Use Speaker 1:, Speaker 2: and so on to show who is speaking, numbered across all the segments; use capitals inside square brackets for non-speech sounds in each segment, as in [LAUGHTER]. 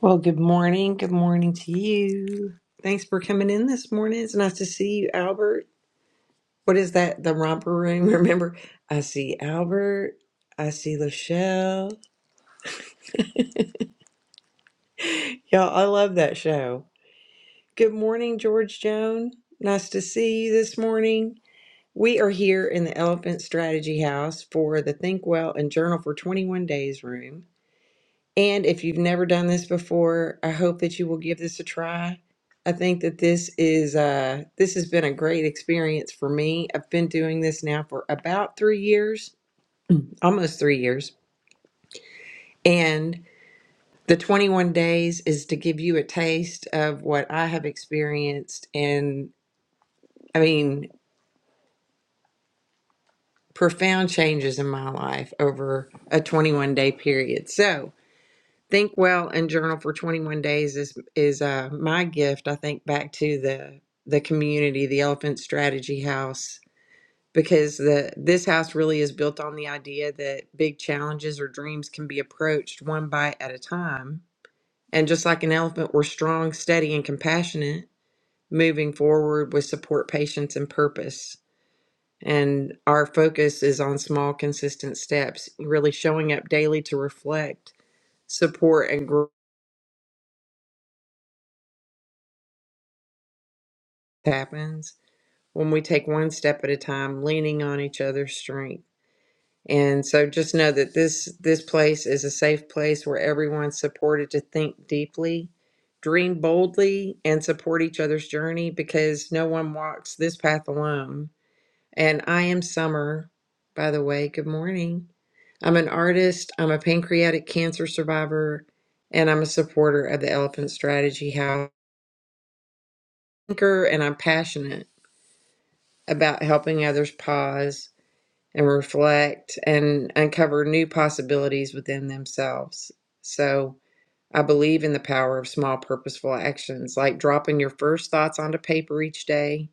Speaker 1: Well, good morning. Good morning to you. Thanks for coming in this morning. It's nice to see you, Albert. What is that? The romper room. [LAUGHS] Remember, I see Albert. I see Lachelle. Y'all, I love that show. Good morning, George Joan. Nice to see you this morning. We are here in the Elephant Strategy House for the Think Well and Journal for 21 Days room. And if you've never done this before, I hope that you will give this a try. I think that this is uh, this has been a great experience for me. I've been doing this now for about three years, almost three years, and the 21 days is to give you a taste of what I have experienced, and I mean profound changes in my life over a 21 day period. So Think well and journal for 21 days is is uh, my gift. I think back to the the community, the Elephant Strategy House, because the this house really is built on the idea that big challenges or dreams can be approached one bite at a time. And just like an elephant, we're strong, steady, and compassionate, moving forward with support, patience, and purpose. And our focus is on small, consistent steps, really showing up daily to reflect, support, and growth happens when we take one step at a time, leaning on each other's strength. And so just know that this this place is a safe place where everyone's supported to think deeply, dream boldly, and support each other's journey because no one walks this path alone. And I am Summer, by the way. Good morning. I'm an artist, I'm a pancreatic cancer survivor, and I'm a supporter of the Elephant Strategy House I'm a thinker and I'm passionate about helping others pause and reflect and uncover new possibilities within themselves. So, I believe in the power of small purposeful actions like dropping your first thoughts onto paper each day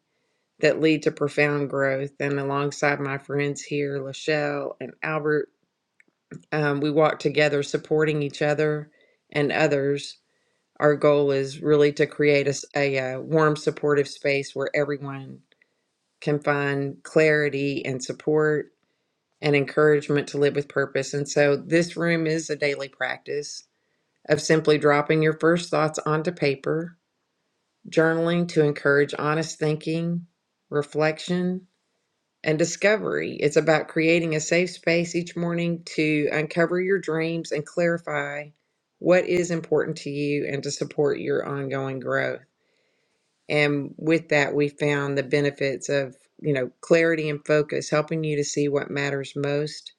Speaker 1: that lead to profound growth. And alongside my friends here, Lachelle and Albert, um, we walk together supporting each other and others. Our goal is really to create a uh, warm, supportive space where everyone can find clarity and support and encouragement to live with purpose. And so this room is a daily practice of simply dropping your first thoughts onto paper, journaling to encourage honest thinking, reflection, and discovery. It's about creating a safe space each morning to uncover your dreams and clarify what is important to you and to support your ongoing growth. And with that, we found the benefits of, you know, clarity and focus, helping you to see what matters most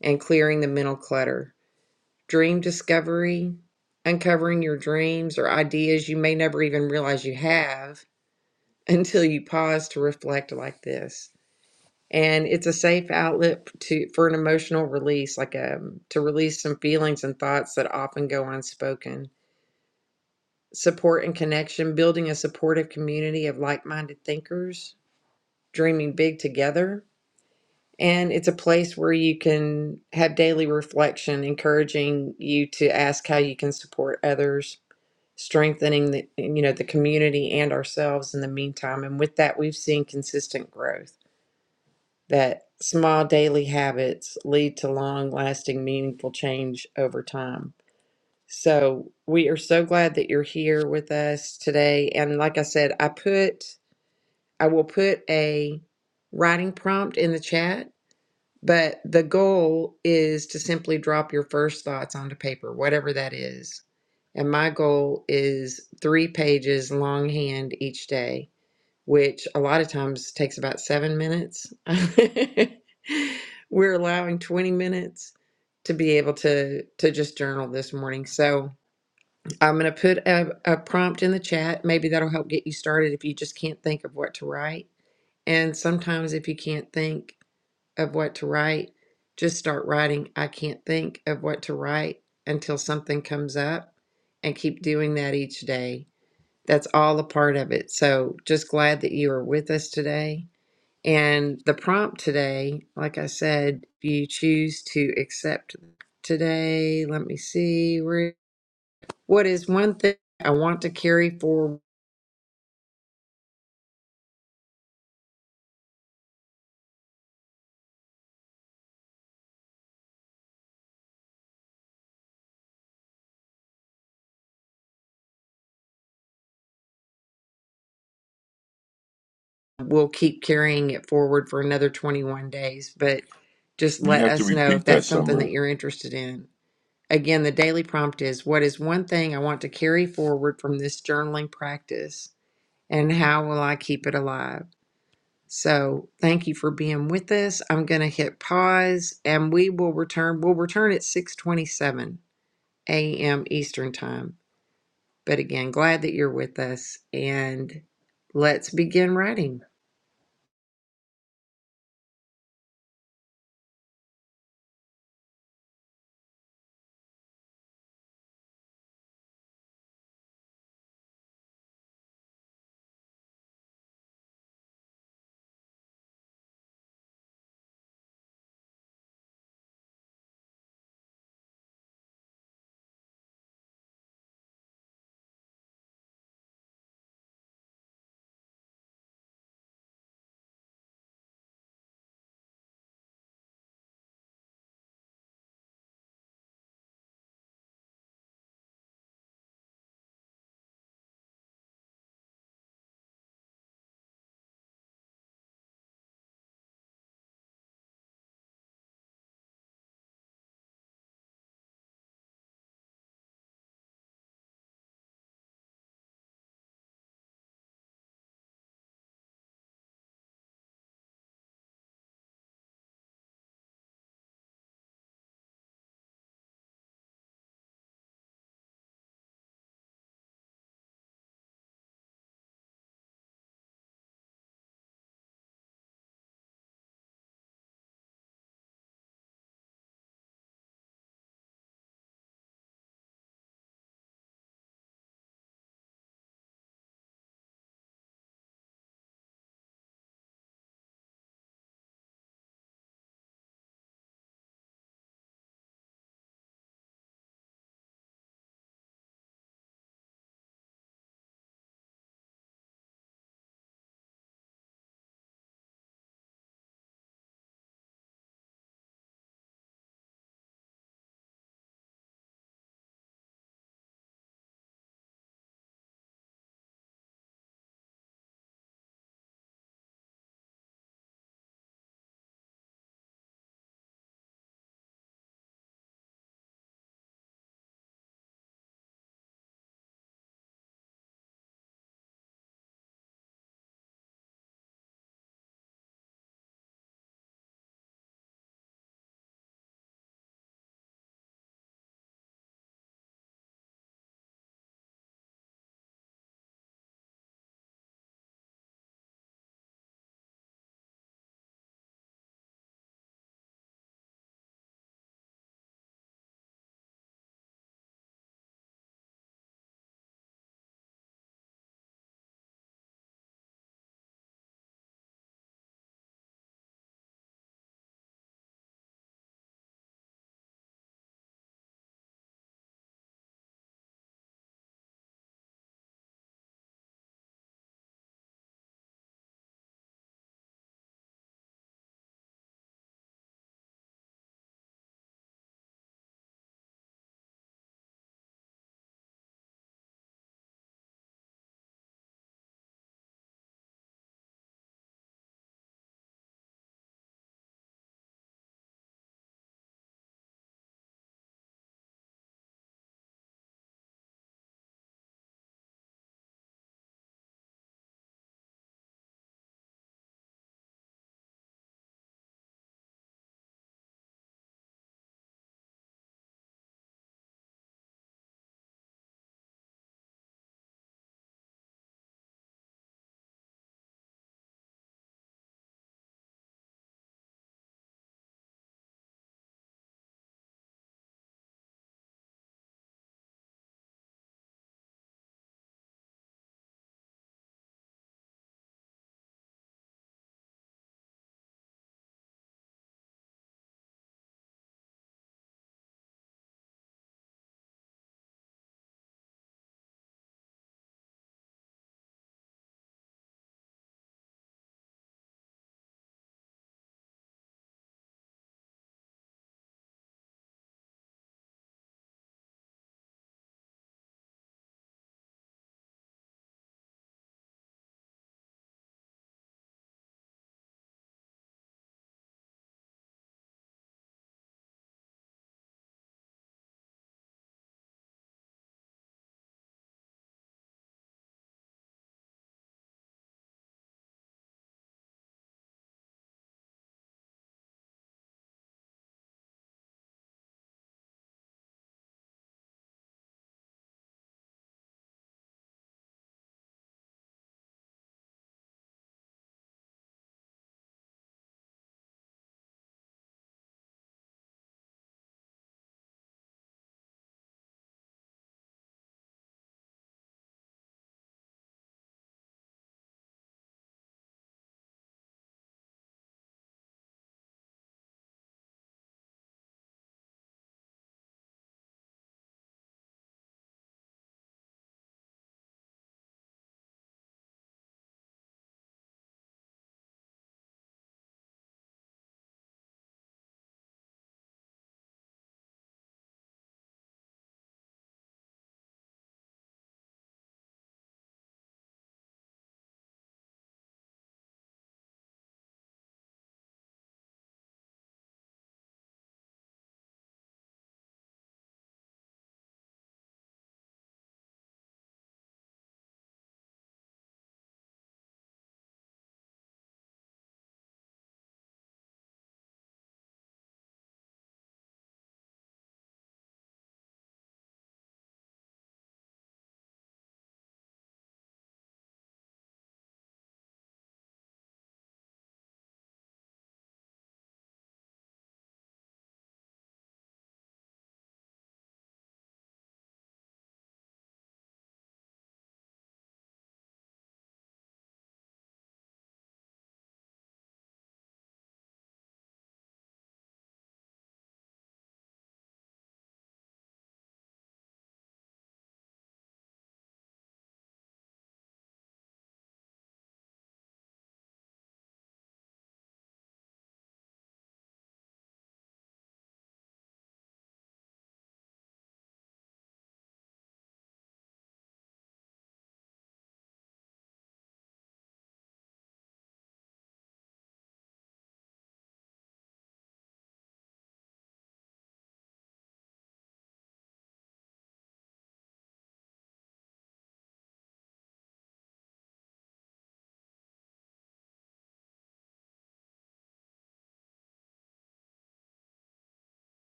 Speaker 1: and clearing the mental clutter. Dream discovery, uncovering your dreams or ideas you may never even realize you have [LAUGHS] until you pause to reflect like this. And it's a safe outlet to for an emotional release, like um to release some feelings and thoughts that often go unspoken. Support and connection, building a supportive community of like-minded thinkers, dreaming big together, And it's a place where you can have daily reflection, encouraging you to ask how you can support others, strengthening the you know the community and ourselves in the meantime. And with that, we've seen consistent growth that small daily habits lead to long-lasting, meaningful change over time. So we are so glad that you're here with us today. And like I said, I put I will put a writing prompt in the chat but the goal is to simply drop your first thoughts onto paper, whatever that is. And my goal is three pages longhand each day, which a lot of times takes about seven minutes. [LAUGHS] We're allowing 20 minutes to be able to to just journal this morning. So I'm going to put a, a prompt in the chat. Maybe that'll help get you started if you just can't think of what to write. And sometimes if you can't think, of what to write, just start writing. I can't think of what to write until something comes up and keep doing that each day. That's all a part of it. So just glad that you are with us today. And the prompt today, like I said, if you choose to accept today, let me see. What is one thing I want to carry forward? We'll keep carrying it forward for another 21 days, but just
Speaker 2: You
Speaker 1: let
Speaker 2: have to
Speaker 1: us know if
Speaker 2: repeat that,
Speaker 1: that's something that
Speaker 2: Summer.
Speaker 1: you're interested in. Again, the daily prompt is What is one thing I want to carry forward from this journaling practice, and how will I keep it alive? So, thank you for being with us. I'm going to hit pause and we will return. We'll return at 6:27 a.m. Eastern Time. But again, glad that you're with us and let's begin writing.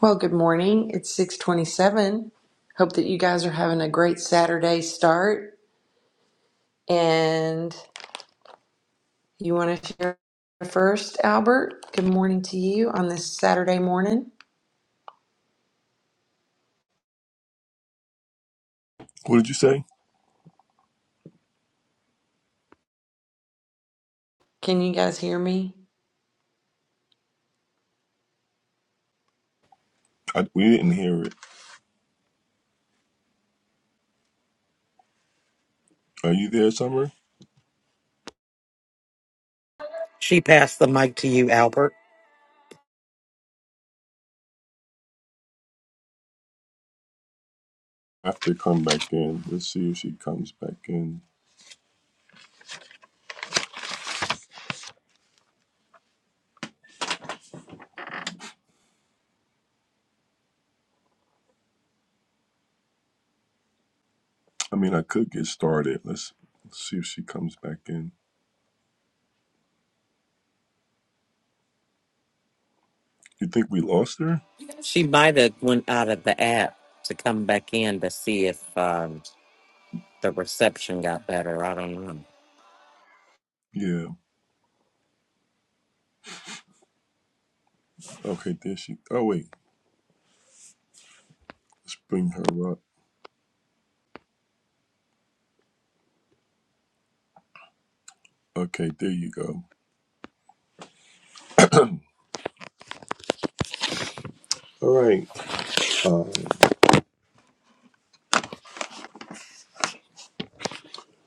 Speaker 1: Well, good morning. It's 6:27. Hope that you guys are having a great Saturday start and You want to share first, Albert? Good morning to you on this Saturday morning.
Speaker 2: What did you say?
Speaker 1: Can you guys hear me?
Speaker 2: I, we didn't hear it. Are you there, Summer?
Speaker 3: She passed the mic to you, Albert.
Speaker 2: I have to come back in. Let's see if she comes back in. I mean, I could get started. Let's, let's see if she comes back in. You think we lost her?
Speaker 3: She might have went out of the app to come back in to see if um, the reception got better. I don't know.
Speaker 2: Yeah. Okay, there she. Oh wait, let's bring her up. Okay, there you go. All right. Uh,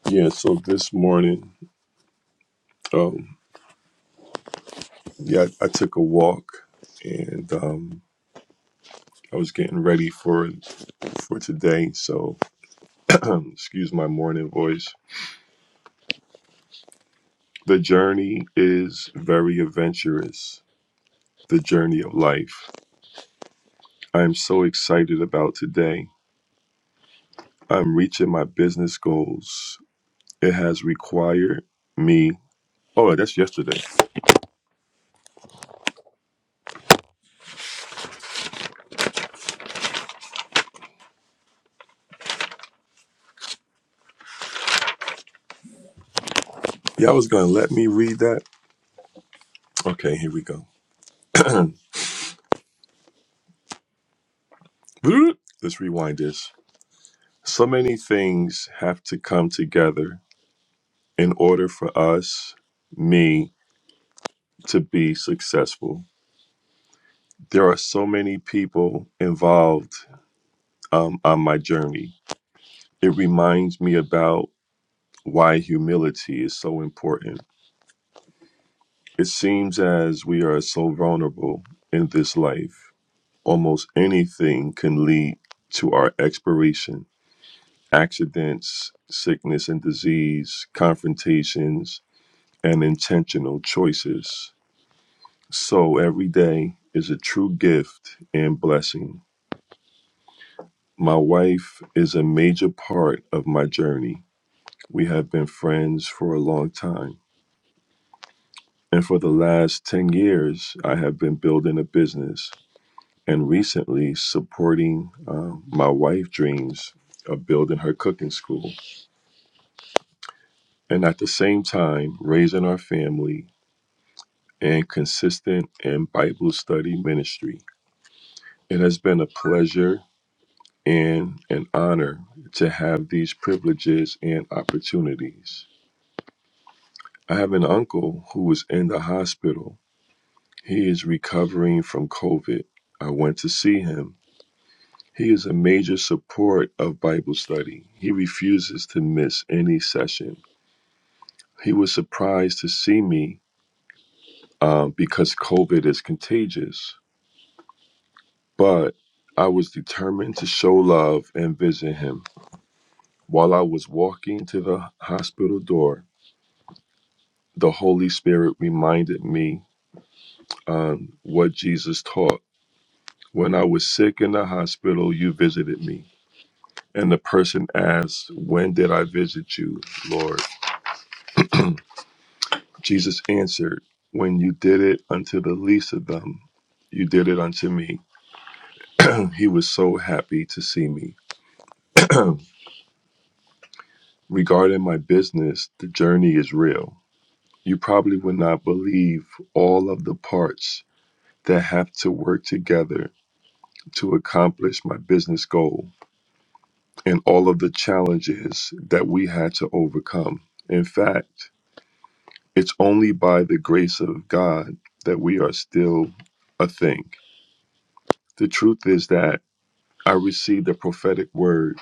Speaker 2: yeah. So this morning, um, yeah, I I took a walk and um, I was getting ready for for today. So [CLEARS THROAT] excuse my morning voice The journey is very adventurous, the journey of life. I am so excited about today. I'm reaching my business goals. It has required me. Oh, that's yesterday. Y'all was going to let me read that? Okay, here we go. [CLEARS THROAT] Let's rewind this. So many things have to come together in order for us, me, to be successful. There are so many people involved um, on my journey it reminds me about why humility is so important. It seems as we are so vulnerable in this life, almost anything can lead to our expiration accidents, sickness and disease, confrontations, and intentional choices. So every day is a true gift and blessing. My wife is a major part of my journey. We have been friends for a long time. And for the last 10 years, I have been building a business and recently supporting um, my wife' dreams of building her cooking school. And at the same time, raising our family and consistent in Bible study ministry. It has been a pleasure and an honor to have these privileges and opportunities. I have an uncle who is in the hospital. He is recovering from COVID. I went to see him He is a major support of Bible study. He refuses to miss any session. He was surprised to see me um, because COVID is contagious, but I was determined to show love and visit him. While I was walking to the hospital door, the Holy Spirit reminded me um, what Jesus taught. When I was sick in the hospital, you visited me. And the person asked, When did I visit you, Lord? Jesus answered, When you did it unto the least of them, you did it unto me. He was so happy to see me. [CLEARS THROAT] Regarding my business, the journey is real. You probably would not believe all of the parts that have to work together to accomplish my business goal and all of the challenges that we had to overcome. In fact, it's only by the grace of God that we are still a thing. The truth is that I received a prophetic word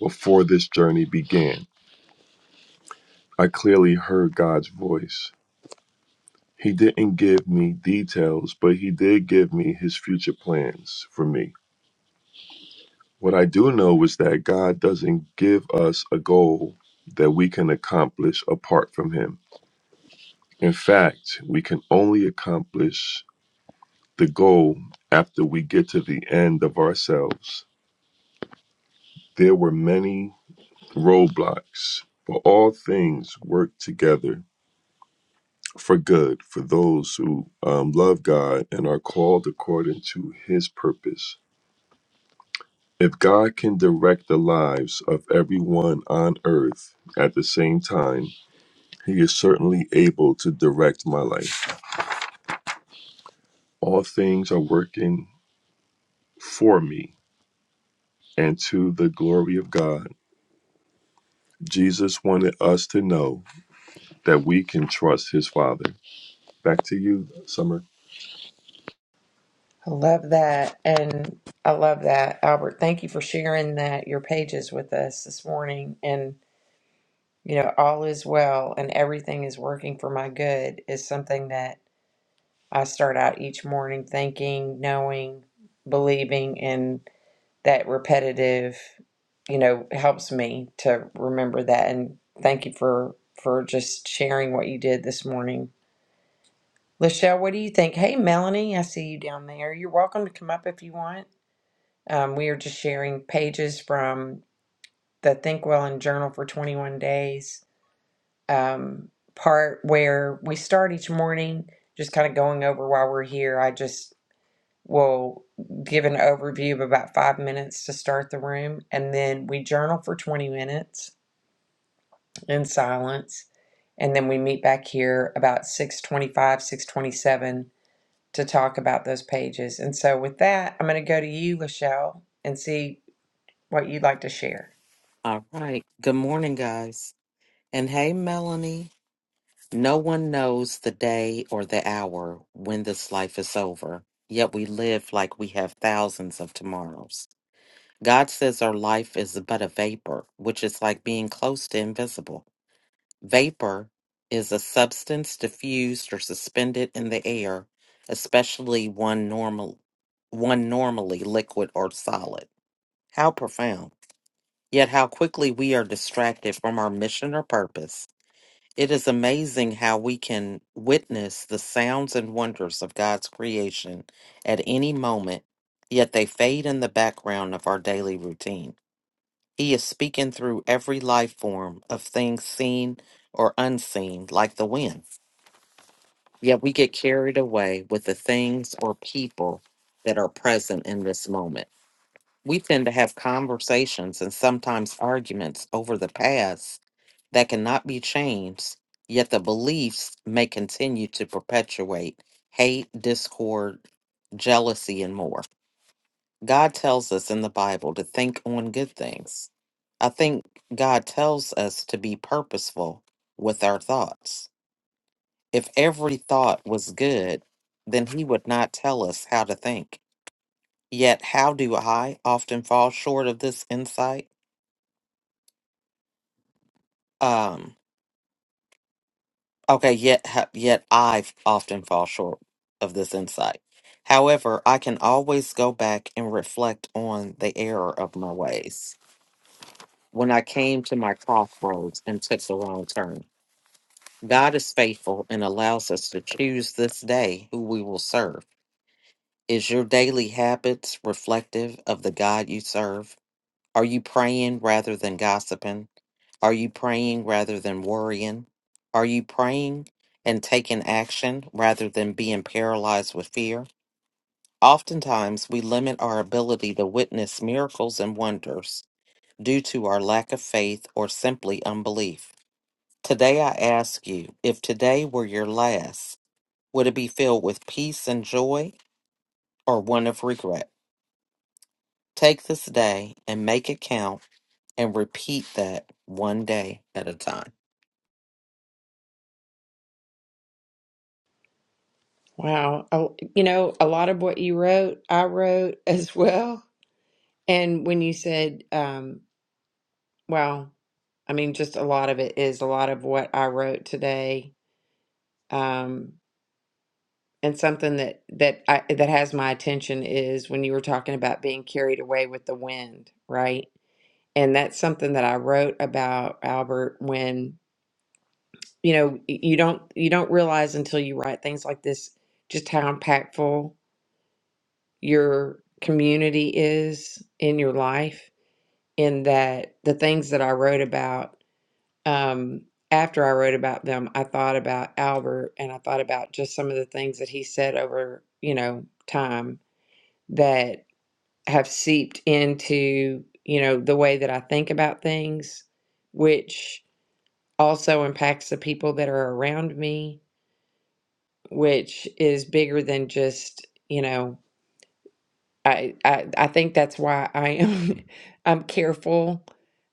Speaker 2: before this journey began. I clearly heard God's voice. He didn't give me details, but He did give me His future plans for me. What I do know is that God doesn't give us a goal that we can accomplish apart from Him. In fact, we can only accomplish the goal after we get to the end of ourselves. There were many roadblocks, but all things work together for good for those who um, love God and are called according to his purpose. If God can direct the lives of everyone on earth at the same time, he is certainly able to direct my life. All things are working for me and to the glory of God. Jesus wanted us to know that we can trust his Father. Back to you, Summer.
Speaker 1: I love that. And I love that, Albert. Thank you for sharing that, your pages with us this morning. And, you know, all is well and everything is working for my good is something that I start out each morning thinking, knowing, believing in. that repetitive, you know, helps me to remember that. And thank you for for just sharing what you did this morning. Lachelle, what do you think? Hey, Melanie, I see you down there. You're welcome to come up if you want. Um, we are just sharing pages from the Think Well and Journal for 21 Days um, part where we start each morning, just kind of going over why we're here. I just We'll give an overview of about five minutes to start the room, and then we journal for 20 minutes in silence, and then we meet back here about 625, 627 to talk about those pages. And so with that, I'm going to go to you, Lachelle, and see what you'd like to share.
Speaker 3: All right. Good morning, guys. And hey, Melanie. No one knows the day or the hour when this life is over, yet we live like we have thousands of tomorrows. God says our life is but a vapor, which is like being close to invisible. Vapor is a substance diffused or suspended in the air, especially one normal one normally liquid or solid. How profound. Yet how quickly we are distracted from our mission or purpose. It is amazing how we can witness the sounds and wonders of God's creation at any moment, yet they fade in the background of our daily routine. He is speaking through every life form of things seen or unseen, like the wind. Yet we get carried away with the things or people that are present in this moment. We tend to have conversations and sometimes arguments over the past that cannot be changed, yet the beliefs may continue to perpetuate hate, discord, jealousy, and more. God tells us in the Bible to think on good things. I think God tells us to be purposeful with our thoughts. If every thought was good, then He would not tell us how to think. Yet, how do I often fall short of this insight? Um, okay, yet, ha- yet I often fall short of this insight. However, I can always go back and reflect on the error of my ways. when I came to my crossroads and took the wrong turn. God is faithful and allows us to choose this day who we will serve. Is your daily habits reflective of the God you serve? Are you praying rather than gossiping? Are you praying rather than worrying? Are you praying and taking action rather than being paralyzed with fear? Oftentimes, we limit our ability to witness miracles and wonders due to our lack of faith or simply unbelief. Today I ask you, if today were your last, would it be filled with peace and joy or one of regret? Take this day and make it count and repeat that one day at a time.
Speaker 1: Wow. A- You know, a lot of what you wrote, I wrote [LAUGHS] as well. And when you said, um, well, I mean, just a lot of it is a lot of what I wrote today Um, and something that that I, that has my attention is when you were talking about being carried away with the wind, right? And that's something that I wrote about Albert when you know y- you don't you don't realize until you write things like this just how impactful your community is in your life. In that the things that I wrote about um, after I wrote about them, I thought about Albert and I thought about just some of the things that he said over, you know, time that have seeped into, you know, the way that I think about things, which also impacts the people that are around me, which is bigger than just, you know, I, I I think that's why I am [LAUGHS] I'm careful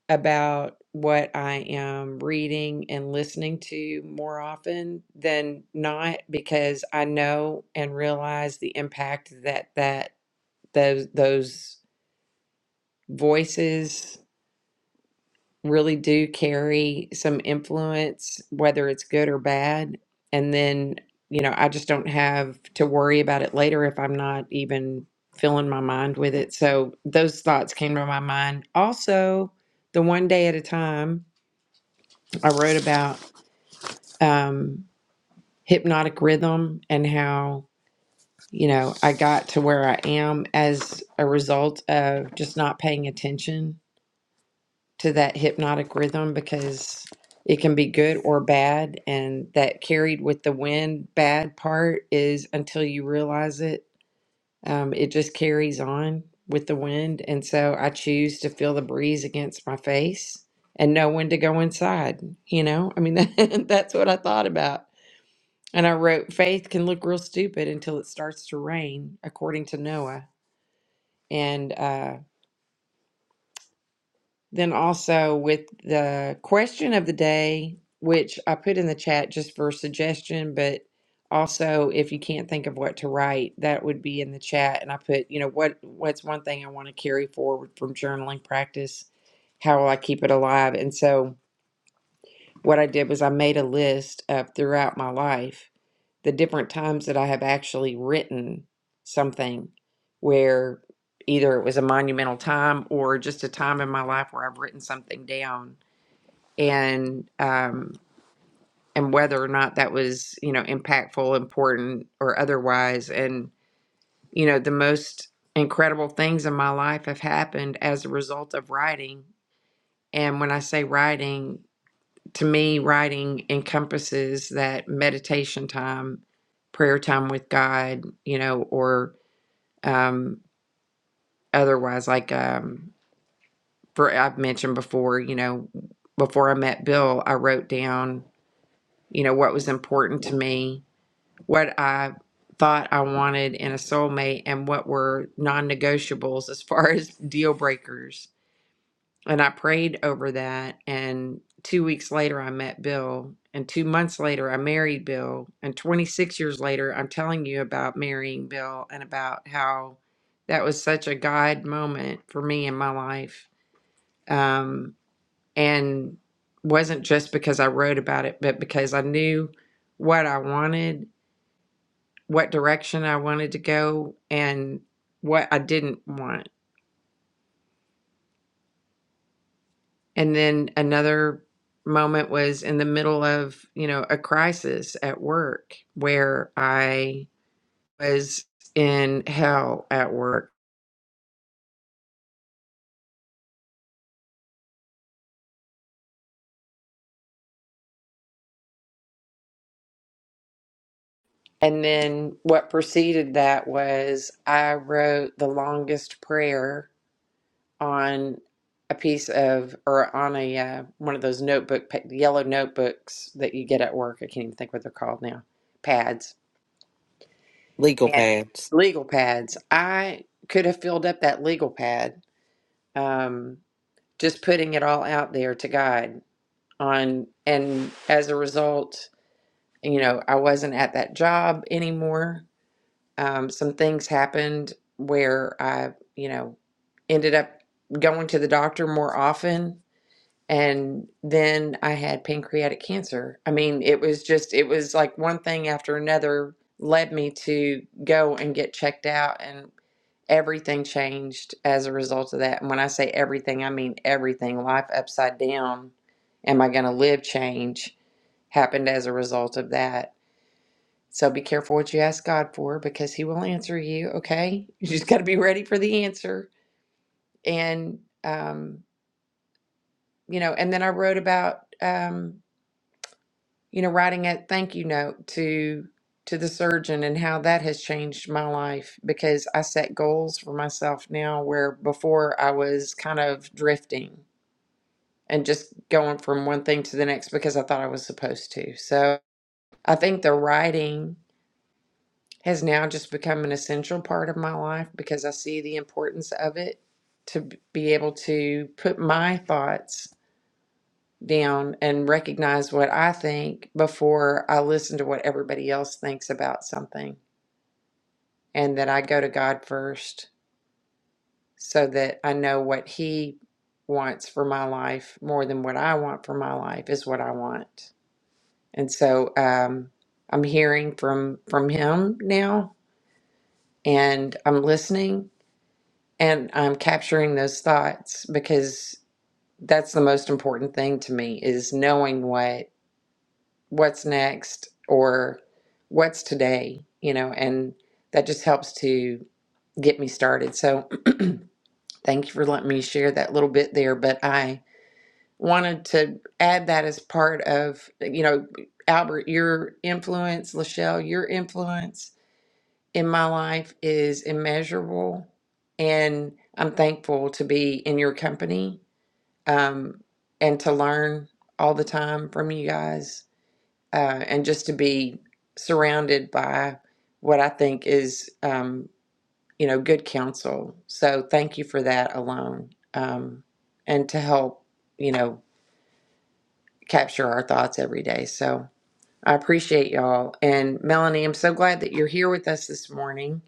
Speaker 1: about what I am reading and listening to more often than not because I know and realize the impact that that those those voices really do carry some influence, whether it's good or bad. And then, you know, I just don't have to worry about it later if I'm not even filling my mind with it. So those thoughts came to my mind. Also, the one day at a time, I wrote about um, hypnotic rhythm and how, you know, I got to where I am as a result of just not paying attention to that hypnotic rhythm because it can be good or bad and that carried with the wind bad part is until you realize it um, it just carries on with the wind and so i choose to feel the breeze against my face and know when to go inside you know i mean [LAUGHS] that's what i thought about and i wrote faith can look real stupid until it starts to rain according to noah and uh Then also with the question of the day, which I put in the chat just for suggestion, but also if you can't think of what to write, that would be in the chat. And I put, you know, what what's one thing I want to carry forward from journaling practice? How will I keep it alive? And so what I did was I made a list of throughout my life the different times that I have actually written something where either it was a monumental time or just a time in my life where I've written something down and um and whether or not that was, you know, impactful, important or otherwise and you know, the most incredible things in my life have happened as a result of writing. And when I say writing, to me, writing encompasses that meditation time, prayer time with God, you know, or um, otherwise, like um, for I've mentioned before, you know, before I met Bill, I wrote down, you know, what was important to me, what I thought I wanted in a soulmate, and what were non negotiables as far [LAUGHS] as deal breakers And I prayed over that. And two weeks later, I met Bill. And two months later, I married Bill. And 26 years later, I'm telling you about marrying Bill and about how that was such a God moment for me in my life. Um, and wasn't just because I wrote about it, but because I knew what I wanted, what direction I wanted to go, and what I didn't want And then another moment was in the middle of, you know, a crisis at work where I was in hell at work. And then what preceded that was I wrote the longest prayer on a piece of, or on a uh, one of those notebook, pa- yellow notebooks that you get at work. I can't even think what they're called now, pads
Speaker 3: Legal
Speaker 1: and
Speaker 3: pads.
Speaker 1: legal pads. I could have filled up that legal pad. Um, just putting it all out there to God on and as a result, you know, I wasn't at that job anymore. Um, some things happened where I, you know, ended up going to the doctor more often and then I had pancreatic cancer. I mean, it was just, it was like one thing after another led me to go and get checked out. And everything changed as a result of that. And when I say everything, I mean everything. Life upside down. Am I going to live change happened as a result of that. So be careful what you ask God for because He will answer you. Okay. [LAUGHS] You just got to be ready for the answer. And, um, you know, and then I wrote about, um, you know, writing a thank you note to to the surgeon and how that has changed my life because I set goals for myself now where before I was kind of drifting and just going from one thing to the next because I thought I was supposed to. So I think the writing has now just become an essential part of my life because I see the importance of it to b- be able to put my thoughts down and recognize what I think before I listen to what everybody else thinks about something, and that I go to God first so that I know what He wants for my life more than what I want for my life is what I want. And so um, I'm hearing from from Him now, and I'm listening, and I'm capturing those thoughts because that's the most important thing to me is knowing what what's next or what's today, you know, and that just helps to get me started. So [CLEARS THROAT] thank you for letting me share that little bit there. But I wanted to add that as part of, you know, Albert, your influence, Lachelle, your influence in my life is immeasurable. And I'm thankful to be in your company um, and to learn all the time from you guys uh, and just to be surrounded by what I think is, um, you know, good counsel. So thank you for that alone, um, and to help, you know, capture our thoughts every day. So I appreciate y'all. And Melanie, I'm so glad that you're here with us this morning.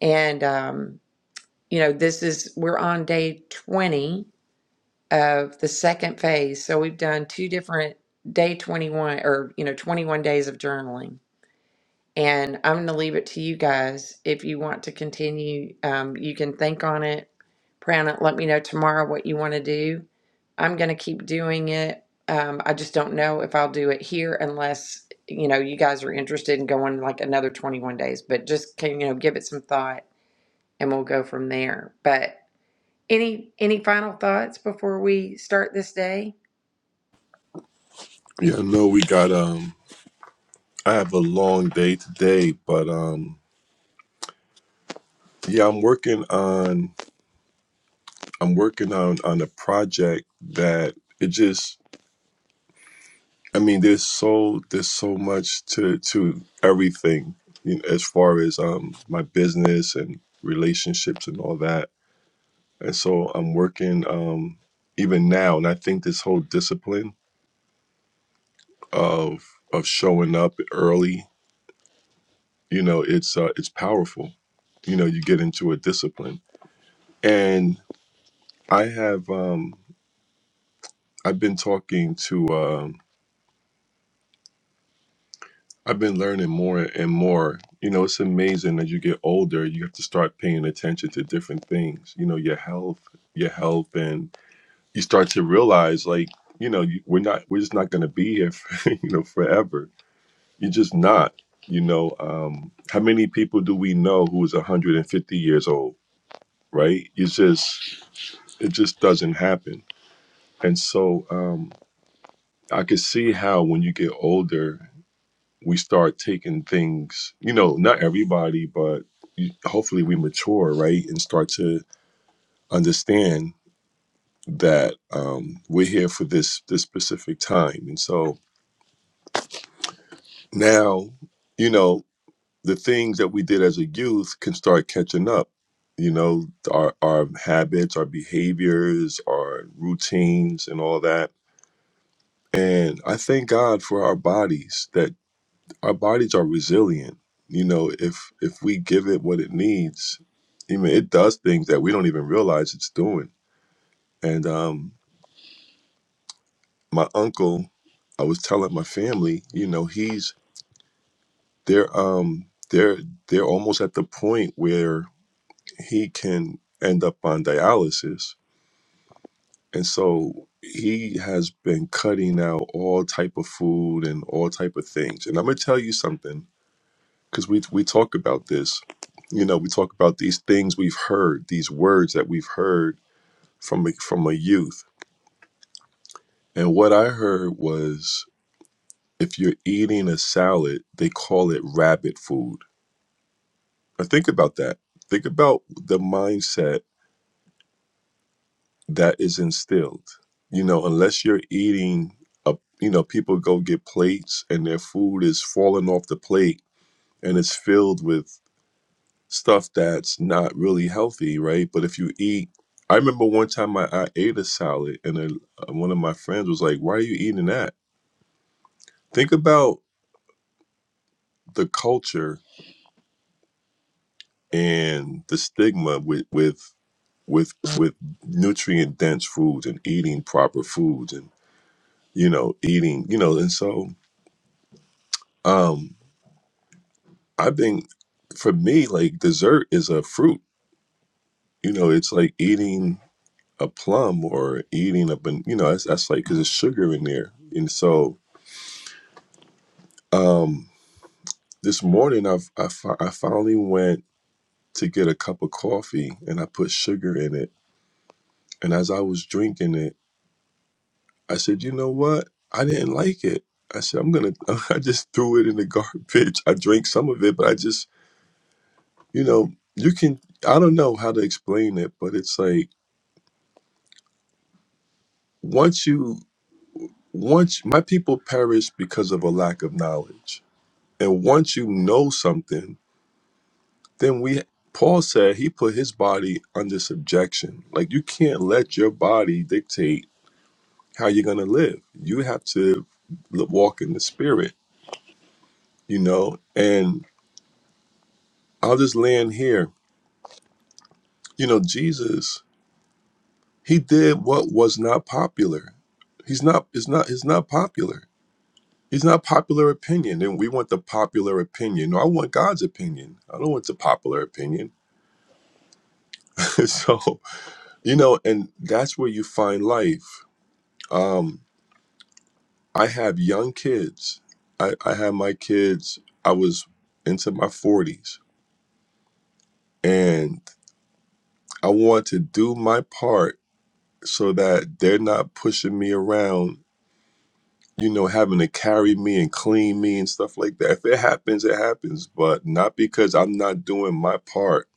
Speaker 1: And um, you know, this is we're on day 20 of the second phase. So we've done two different day 21 or you know 21 days of journaling And I'm going to leave it to you guys. If you want to continue, um, you can think on it, pray on it. Let me know tomorrow what you want to do. I'm going to keep doing it. Um, I just don't know if I'll do it here unless you know you guys are interested in going like another 21 days. But just can you know give it some thought, and we'll go from there. But any any final thoughts before we start this day?
Speaker 2: Yeah, no, we got um I have a long day today, but um Yeah, I'm working on I'm working on on a project that it just I mean there's so there's so much to to everything you know, as far as um my business and relationships and all that. And so I'm working um even now and I think this whole discipline of of showing up early, you know, it's uh, it's powerful. You know, you get into a discipline. And I have um I've been talking to um. I've been learning more and more. You know, it's amazing as you get older, you have to start paying attention to different things. You know, your health, your health, and you start to realize, like, you know, you, we're not, we're just not going to be here, for, [LAUGHS] you know, forever. You're just not. You know, um, how many people do we know who is 150 years old? Right? It's just, it just doesn't happen. And so, um, I could see how when you get older we start taking things, you know, not everybody, but you- hopefully we mature, right, and start to understand that um, we're here for this this specific time, and so now, you know, the things that we did as a youth can start catching up. You know, our our habits, our behaviors, our routines, and all that. And I thank God for our bodies that our bodies are resilient. You know, if if we give it what it needs, I mean, it does things that we don't even realize it's doing. And um, my uncle, I was telling my family, you know, he's they're um they're they're almost at the point where he can end up on dialysis, and so he has been cutting out all type of food and all type of things. And I'm gonna tell you something because we we talk about this you know we talk about these things we've heard these words that we've heard from a, from a youth and what i heard was if you're eating a salad they call it rabbit food now think about that think about the mindset that is instilled you know unless you're eating a you know people go get plates and their food is falling off the plate and it's filled with stuff that's not really healthy, right? But if you eat, I remember one time I, I ate a salad and then uh, one of my friends was like, Why are you eating that? Think about the culture and the stigma with, with, with, with nutrient dense foods and eating proper foods and, you know, eating, you know, and so, um, I think for me, like dessert is a fruit, you know, it's like eating a plum or eating a ban- you know that's, that's like because there's sugar in there and so um this morning I've, I, fi- I finally went to get a cup of coffee and i put sugar in it and as i was drinking it i said you know what i didn't like it i said i'm gonna [LAUGHS] i just threw it in the garbage i drank some of it but i just you know you can i don't know how to explain it but it's like once you once my people perish because of a lack of knowledge And once you know something, then we Paul said he put his body under subjection. Like you can't let your body dictate how you're going to live. You have to l- walk in the spirit, you know? And I'll just land here. You know, Jesus, he did what was not popular. He's not it's not it's not popular. He's not popular opinion and we want the popular opinion. No, I want God's opinion. I don't want the popular opinion. [LAUGHS] so You know, and that's where you find life. Um, I have young kids. I, I had my kids, I was into my 40s, and I want to do my part so that they're not pushing me around, you know, having to carry me and clean me and stuff like that. If it happens, it happens, but not because I'm not doing my part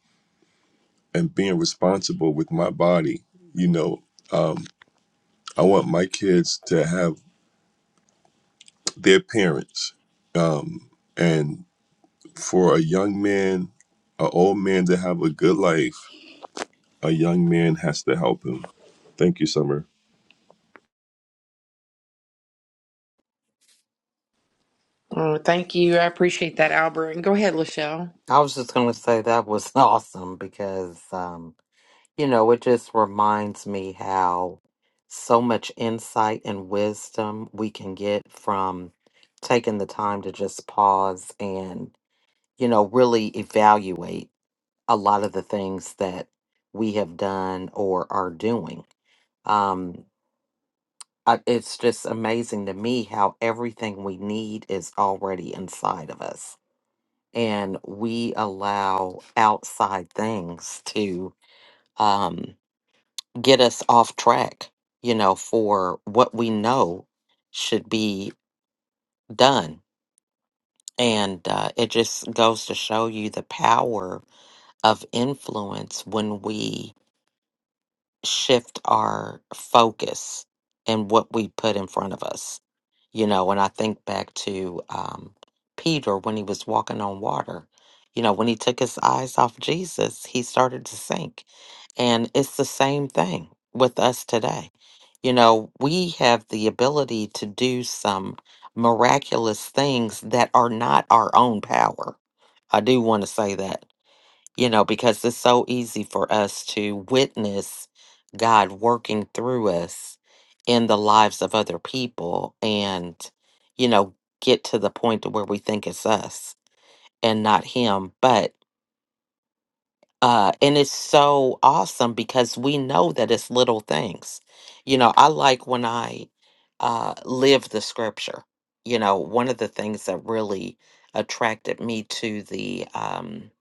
Speaker 2: and being responsible with my body, you know. Um, I want my kids to have their parents. Um, and for a young man, an old man to have a good life, a young man has to help him. Thank you, Summer.
Speaker 1: Oh, thank you. I appreciate that, Albert. And go ahead, Lachelle.
Speaker 3: I was just going to say that was [LAUGHS] awesome because, um, you know, it just reminds me how so much insight and wisdom we can get from taking the time to just pause and, you know, really evaluate. a lot of the things that we have done or are doing. Um, I, it's just amazing to me how everything we need is already inside of us, and we allow outside things to um, get us off track. You know, for what we know should be done. And uh, it just goes to show you the power of influence when we shift our focus and what we put in front of us. You know, and I think back to um, Peter when he was walking on water. You know, when he took his eyes off Jesus, he started to sink. And it's the same thing with us today. You know, we have the ability to do some miraculous things that are not our own power. I do want to say that you know, because it's so easy for us to witness God working through us in the lives of other people and, you know, get to the point to where we think it's us and not Him. But, uh, and it's so awesome because we know that it's little things. You know, I like when I uh, live the scripture. You know, one of the things that really attracted me to the um,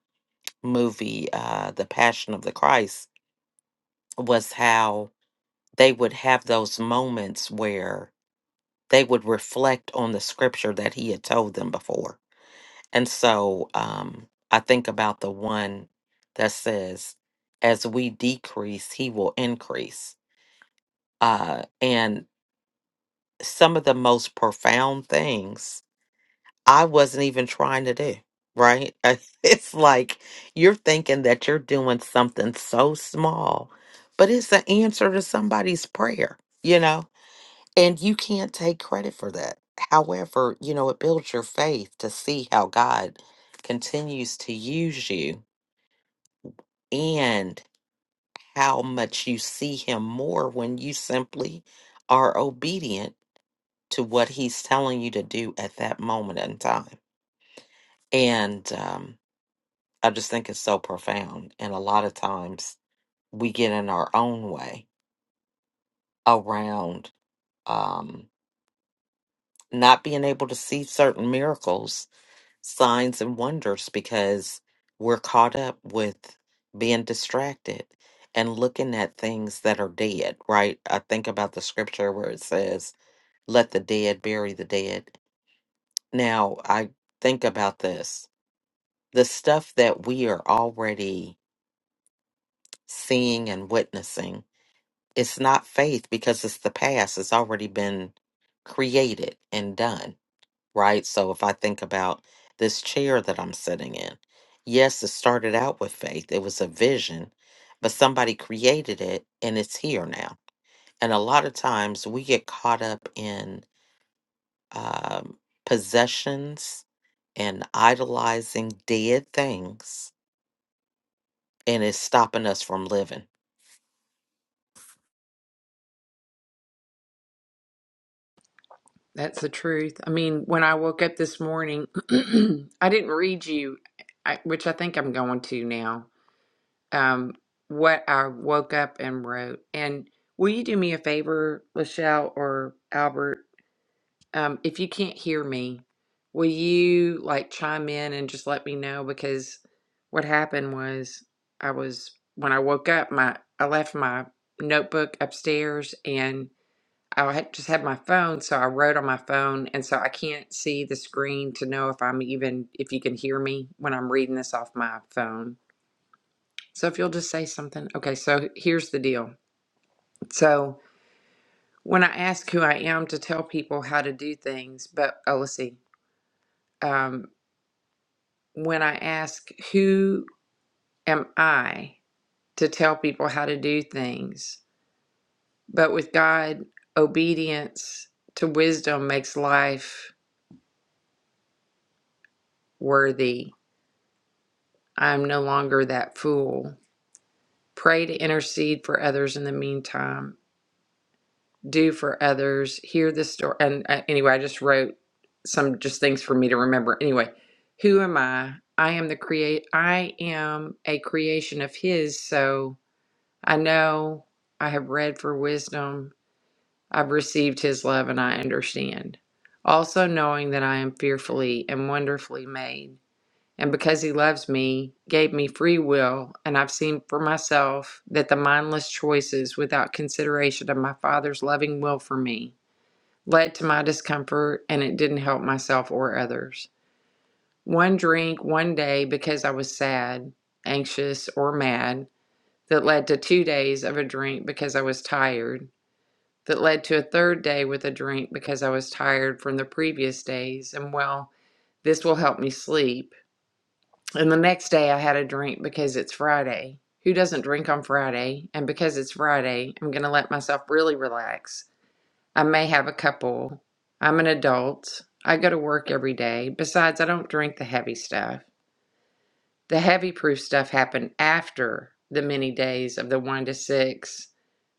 Speaker 3: movie, uh, The Passion of the Christ was how they would have those moments where they would reflect on the scripture that he had told them before. And so um, I think about the one that says, as we decrease, he will increase. Uh, and some of the most profound things I wasn't even trying to do, right? [LAUGHS] It's like you're thinking that you're doing something so small, but it's the answer to somebody's prayer, you know? And you can't take credit for that. However, you know, it builds your faith to see how God continues to use you and how much you see Him more when you simply are obedient to what He's telling you to do at that moment in time. And um, I just think it's so profound. And a lot of times we get in our own way around um, not being able to see certain miracles signs and wonders because we're caught up with being distracted and looking at things that are dead, right? I think about the scripture where it says, let the dead bury the dead. Now, I think about this the stuff that we are already seeing and witnessing, it's not faith because it's the past, it's already been created and done right? So if I think about this chair that I'm sitting in, yes, it started out with faith, it was a vision, but somebody created it and it's here now. And a lot of times we get caught up in um, possessions and idolizing dead things, and it's stopping us from living.
Speaker 1: That's the truth. I mean, when I woke up this morning, [CLEARS THROAT] I didn't read you, I, which I think I'm going to now, um, what I woke up and wrote. And will you do me a favor, Lachelle or Albert? Um, if you can't hear me, will you like chime in and just let me know? Because what happened was I was, when I woke up, my I left my notebook upstairs and. I had just had my phone, so I wrote on my phone, and so I can't see the screen to know if I'm even if you can hear me when I'm reading this off my phone. So if you'll just say something. Okay, so here's the deal. So when I ask who I am to tell people how to do things, but oh, let's see. Um, when I ask who am I to tell people how to do things, but with God, obedience to wisdom makes life worthy I am no longer that fool. Pray to intercede for others in the meantime. Do for others. Hear the story. And uh, anyway, I just wrote some just things for me to remember. Anyway, who am I? I am the create. I am a creation of His. So I know I have read for wisdom. I've received His love, and I understand. Also knowing that I am fearfully and wonderfully made. and because he loves me, gave me free will, and I've seen for myself that the mindless choices without consideration of my Father's loving will for me led to my discomfort, and it didn't help myself or others. One drink one day because I was sad, anxious, or mad, that led to two days of a drink because I was tired, that led to a third day with a drink because I was tired from the previous days, and well, this will help me sleep and the next day I had a drink because it's Friday. Who doesn't drink on Friday? And because it's Friday, I'm going to let myself really relax. I may have a couple. I'm an adult. I go to work every day. Besides, I don't drink the heavy stuff. The heavy proof stuff happened after the many days of the one to six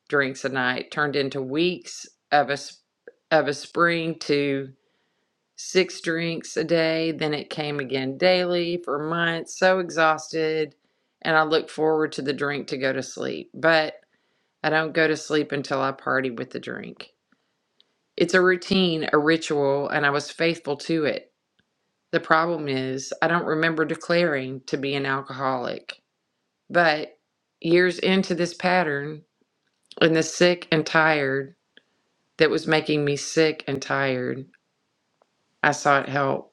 Speaker 1: drinks a night turned into weeks of a, of a spring to six drinks a day. Then it came again daily for months. So exhausted. And I look forward to the drink to go to sleep. But I don't go to sleep until I party with the drink. It's a routine, a ritual, and I was faithful to it. The problem is, I don't remember declaring to be an alcoholic. But years into this pattern, and the sick and tired that was making me sick and tired, I sought help.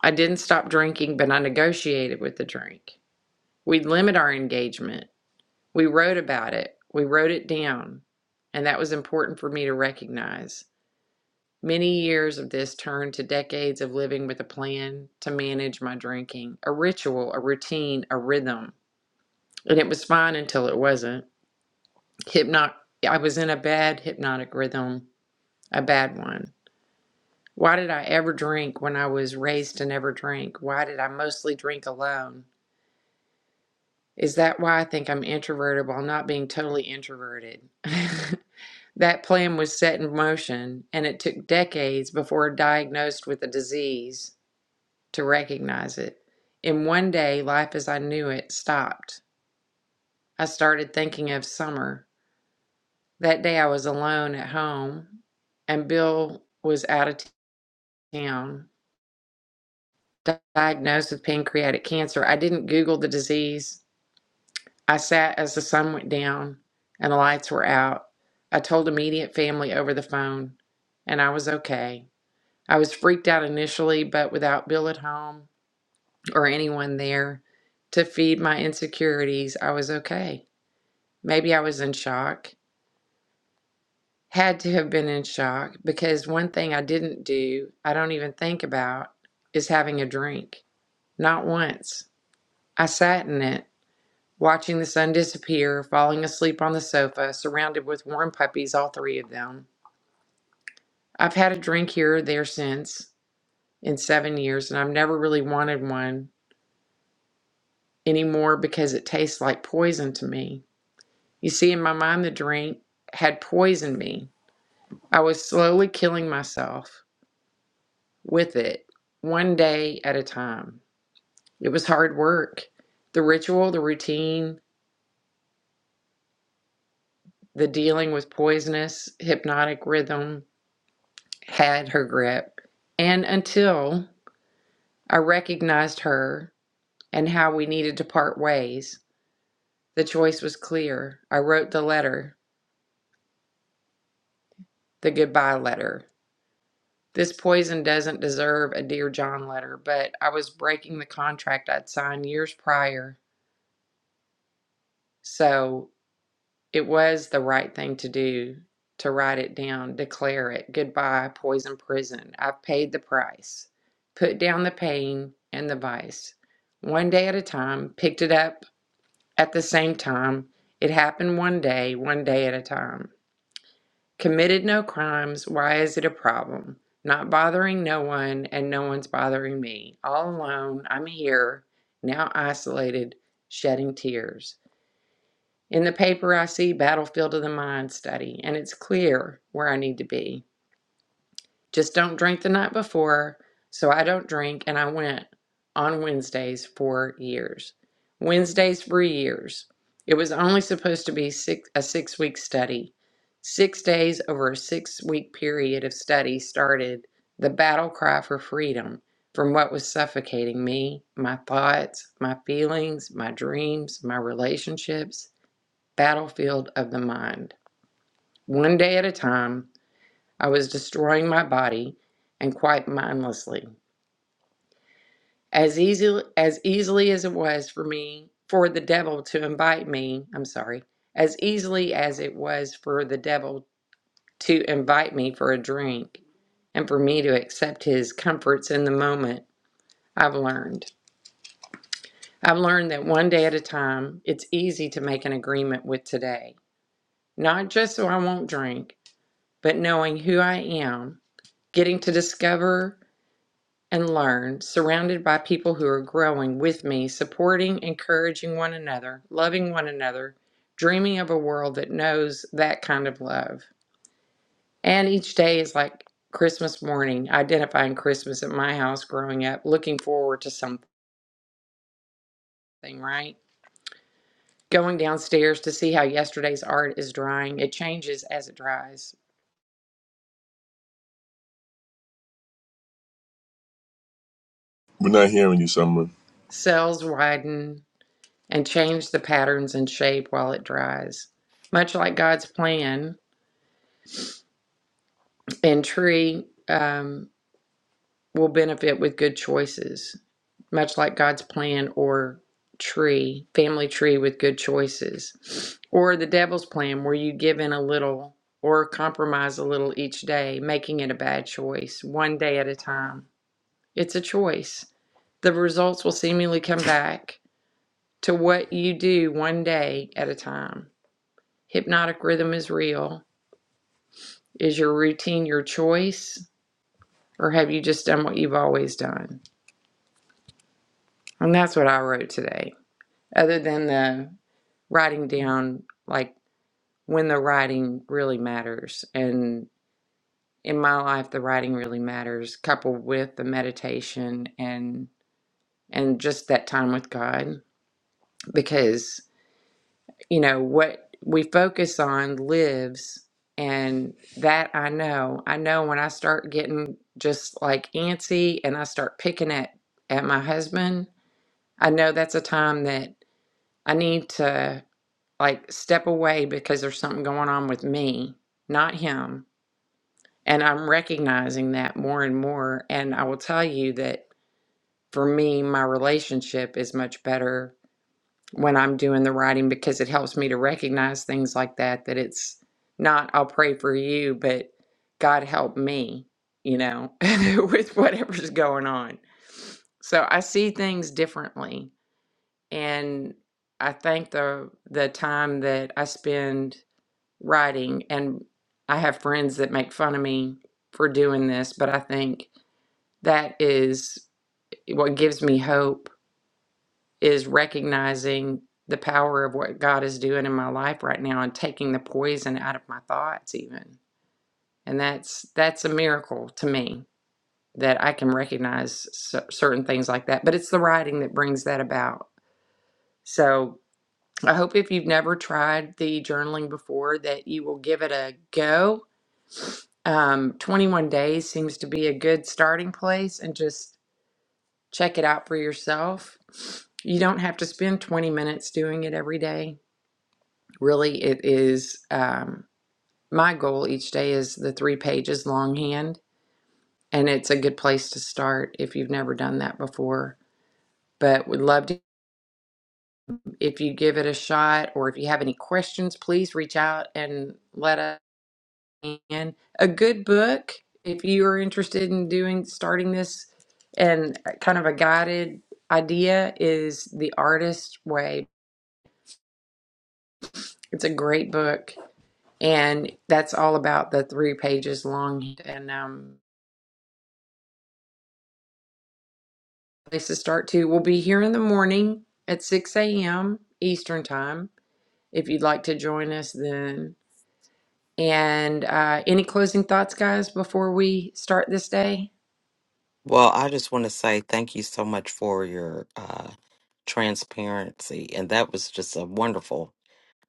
Speaker 1: I didn't stop drinking, but I negotiated with the drink. We'd limit our engagement. We wrote about it. We wrote it down. And that was important for me to recognize. Many years of this turned to decades of living with a plan to manage my drinking, a ritual, a routine, a rhythm. And it was fine until it wasn't. Hypno- I was in a bad hypnotic rhythm, a bad one. Why did I ever drink when I was raised to never drink? Why did I mostly drink alone? Is that why I think I'm introverted while not being totally introverted? [LAUGHS] that plan was set in motion, and it took decades before diagnosed with a disease to recognize it. In one day, life as I knew it stopped. I started thinking of summer. That day, I was alone at home, and Bill was out of town, diagnosed with pancreatic cancer. I didn't Google the disease. I sat as the sun went down and the lights were out. I told immediate family over the phone, and I was okay. I was freaked out initially, but without Bill at home or anyone there to feed my insecurities, I was okay. Maybe I was in shock. Had to have been in shock because one thing I didn't do, I don't even think about, is having a drink. Not once. I sat in it watching the sun disappear, falling asleep on the sofa, surrounded with warm puppies, all three of them. I've had a drink here or there since in seven years, and I've never really wanted one anymore because it tastes like poison to me. You see, in my mind, the drink had poisoned me. I was slowly killing myself with it, one day at a time. It was hard work. The ritual, the routine, the dealing with poisonous, hypnotic rhythm, had her grip, and until I recognized her and how we needed to part ways, the choice was clear. I wrote the letter, the goodbye letter. This poison doesn't deserve a Dear John letter, but I was breaking the contract I'd signed years prior. So It was the right thing to do to write it down, declare it. Goodbye, poison prison. I've paid the price. Put down the pain and the vice. One day at a time, picked it up at the same time. It happened one day, one day at a time. Committed no crimes. Why is it a problem? Not bothering no one, and no one's bothering me. All alone, I'm here, now isolated, shedding tears. In the paper, I see Battlefield of the Mind study, and it's clear where I need to be. Just don't drink the night before, so I don't drink, and I went on Wednesdays for years. Wednesdays for years. It was only supposed to be six, a six week study. Six days over a six week period of study started the battle cry for freedom from what was suffocating me, my thoughts, my feelings, my dreams, my relationships battlefield of the mind. One day at a time, I was destroying my body and quite mindlessly. As easily as easily as it was for me for the devil to invite me, I'm sorry, as easily as it was for the devil to invite me for a drink and for me to accept his comforts in the moment, I've learned. I've learned that one day at a time, it's easy to make an agreement with today. Not just so I won't drink, but knowing who I am getting to discover and learn, surrounded by people who are growing with me, supporting, encouraging one another, loving one another, dreaming of a world that knows that kind of love. And each day is like Christmas morning, identifying Christmas at my house growing up, looking forward to something, right? Going downstairs to see how yesterday's art is drying. It changes as it dries.
Speaker 2: We're not hearing you, Summer.
Speaker 1: Cells widen and change the patterns and shape while it dries. Much like God's plan, and tree um, will benefit with good choices, much like God's plan or tree, family tree with good choices, or the devil's plan where you give in a little or compromise a little each day, making it a bad choice, one day at a time. It's a choice. The results will seemingly come back to what you do one day at a time. Hypnotic rhythm is real. Is your routine your choice, or have you just done what you've always done? And that's what I wrote today. Other than the writing down, like when the writing really matters. And in my life, the writing really matters, coupled with the meditation and and just that time with God, because you know what we focus on lives, and that I know. I know when I start getting just like antsy and I start picking at at my husband, I know that's a time that I need to. like step away because there's something going on with me, not him. And I'm recognizing that more and more. And I will tell you that for me, my relationship is much better when I'm doing the writing because it helps me to recognize things like that, that it's not, I'll pray for you, but God help me, you know, [LAUGHS] with whatever's going on. So I see things differently. And I think the the time that I spend writing and I have friends that make fun of me for doing this, but I think that is eh, what gives me hope is recognizing the power of what God is doing in my life right now and taking the poison out of my thoughts even. And that's that's a miracle to me that I can recognize cer- certain things like that, but it's the writing that brings that about. So, I hope if you've never tried the journaling before that you will give it a go Um, 21 days seems to be a good starting place and just check it out for yourself. You don't have to spend 20 minutes doing it every day. Really, it is um, my goal each day is the three pages longhand, and it's a good place to start if you've never done that before. But would love to if you give it a shot or if you have any questions, please reach out and let us. And a good book, if you are interested in doing starting this and uh, kind of a guided idea, is The Artist's Way. It's a great book, and that's all about the three pages long. And um, place to start too. We'll be here in the morning at 6 a.m. Eastern Time if you'd like to join us then. And uh, any closing thoughts, guys, before we start this day?
Speaker 3: Well, I just want to say thank you so much for your uh, transparency. And that was just a wonderful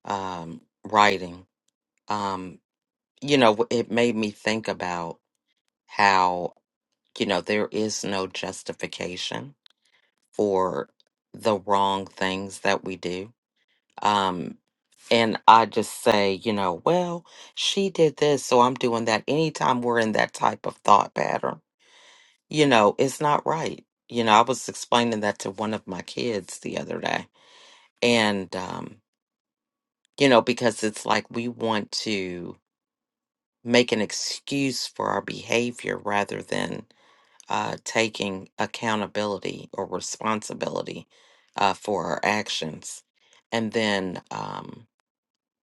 Speaker 3: um, writing. Um, you know, it made me think about how, you know, there is no justification for the wrong things that we do. Um, and I just say, you know, well, she did this, so I'm doing that. Anytime we're in that type of thought pattern, you know, it's not right. You know, I was explaining that to one of my kids the other day. And, um, you know, because it's like we want to make an excuse for our behavior rather than uh, taking accountability or responsibility uh, for our actions. And then um,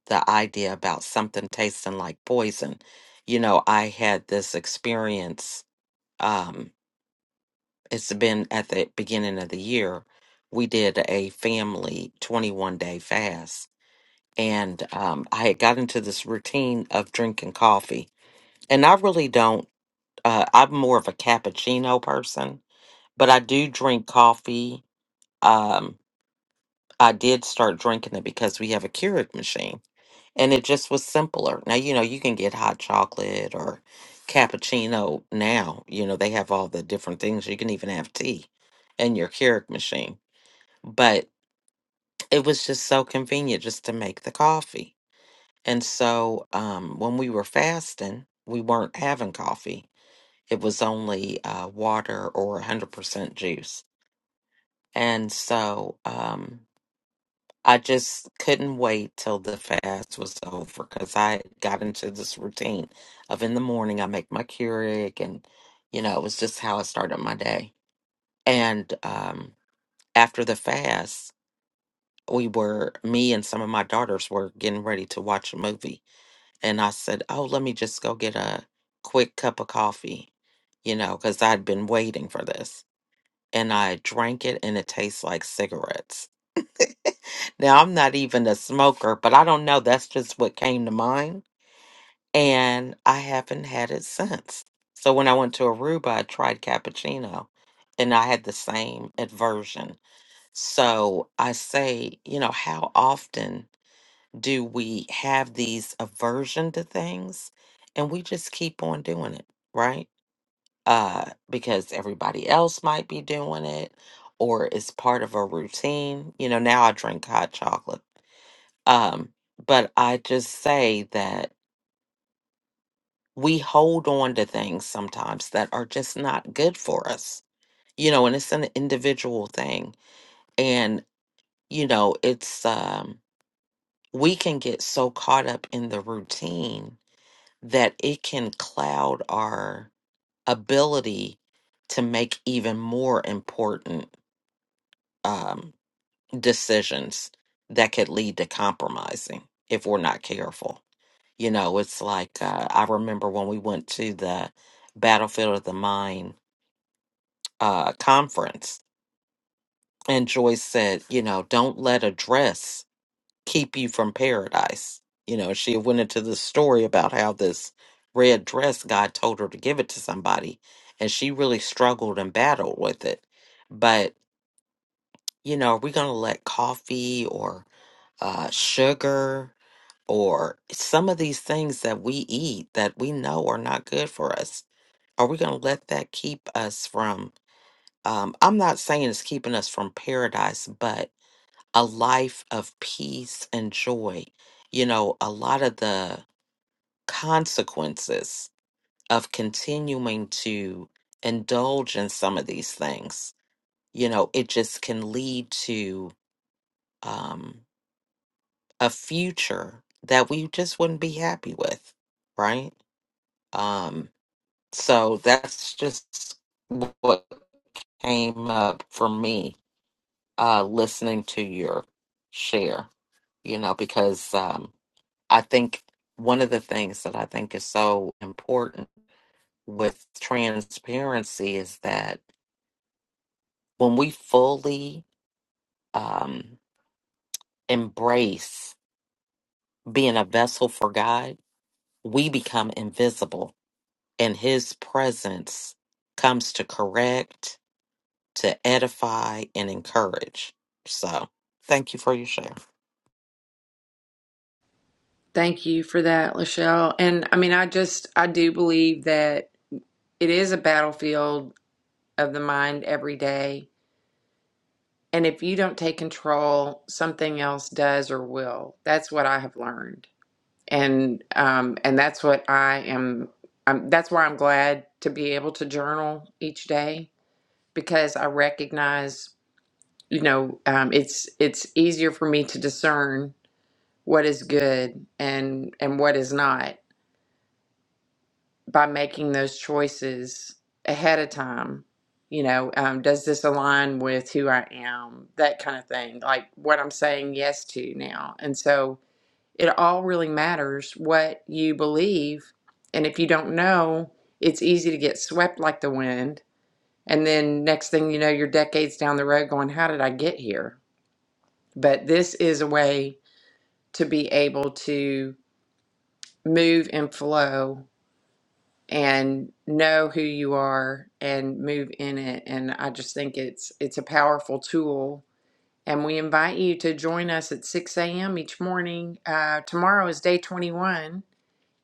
Speaker 3: the idea about something tasting like poison. You know, I had this experience, um, it's been at the beginning of the year. We did a family 21 day fast. And um, I had got into this routine of drinking coffee. And I really don't, uh, I'm more of a cappuccino person but I do drink coffee. Um, I did start drinking it because we have a Keurig machine, and it just was simpler. Now you know you can get hot chocolate or cappuccino. Now you know they have all the different things. You can even have tea in your Keurig machine, but it was just so convenient just to make the coffee. And so um, when we were fasting, we weren't having coffee. It was only uh, water or 100% juice. And so um, I just couldn't wait till the fast was over because I got into this routine of in the morning I make my Keurig and you know it was just how I started my day. And um, after the fast, we were me and some of my daughters were getting ready to watch a movie, and I said, "Oh, let me just go get a quick cup of coffee," you know, because I'd been waiting for this. And I drank it, and it tastes like cigarettes. Now, I'm not even a smoker, but I don't know. That's just what came to mind. And I haven't had it since. So when I went to Aruba, I tried cappuccino and I had the same aversion. So I say, you know, how often do we have these aversion to things and we just keep on doing it, right? Uh, because everybody else might be doing it or it's part of a routine. You know, now I drink hot chocolate um, but I just say that we hold on to things sometimes that are just not good for us, you know, and it's an individual thing. And, you know, it's, um, we can get so caught up in the routine that it can cloud our ability to make even more important um, decisions that could lead to compromising if we're not careful. You know, it's like uh, I remember when we went to the Battlefield of the Mind uh, conference, and Joyce said, you know, don't let a dress keep you from paradise. You know, she went into the story about how this red dress, God told her to give it to somebody, and she really struggled and battled with it. But, you know, are we going to let coffee or uh, sugar or some of these things that we eat that we know are not good for us? Are we going to let that keep us from? Um, I'm not saying it's keeping us from paradise, but a life of peace and joy. You know, a lot of the consequences of continuing to indulge in some of these things, you know, it just can lead to um, a future that we just wouldn't be happy with, right? Um, so that's just what came up for me uh, listening to your share, you know, because um, I think one of the things that I think is so important with transparency is that when we fully um, embrace being a vessel for God, we become invisible and His presence comes to correct, to edify, and encourage. So thank you for your share.
Speaker 1: Thank you for that, Lachelle. And I mean, I just, I do believe that it is a battlefield of the mind every day. And if you don't take control, something else does or will. That's what I have learned. And, um, and that's what I am, I'm, that's why I'm glad to be able to journal each day because I recognize, you know, um, it's, it's easier for me to discern what is good and, and what is not by making those choices ahead of time you know um, does this align with who i am that kind of thing like what i'm saying yes to now and so it all really matters what you believe and if you don't know it's easy to get swept like the wind and then next thing you know you're decades down the road going how did i get here but this is a way to be able to move and flow and know who you are and move in it and i just think it's it's a powerful tool and we invite you to join us at 6 a.m each morning uh, tomorrow is day 21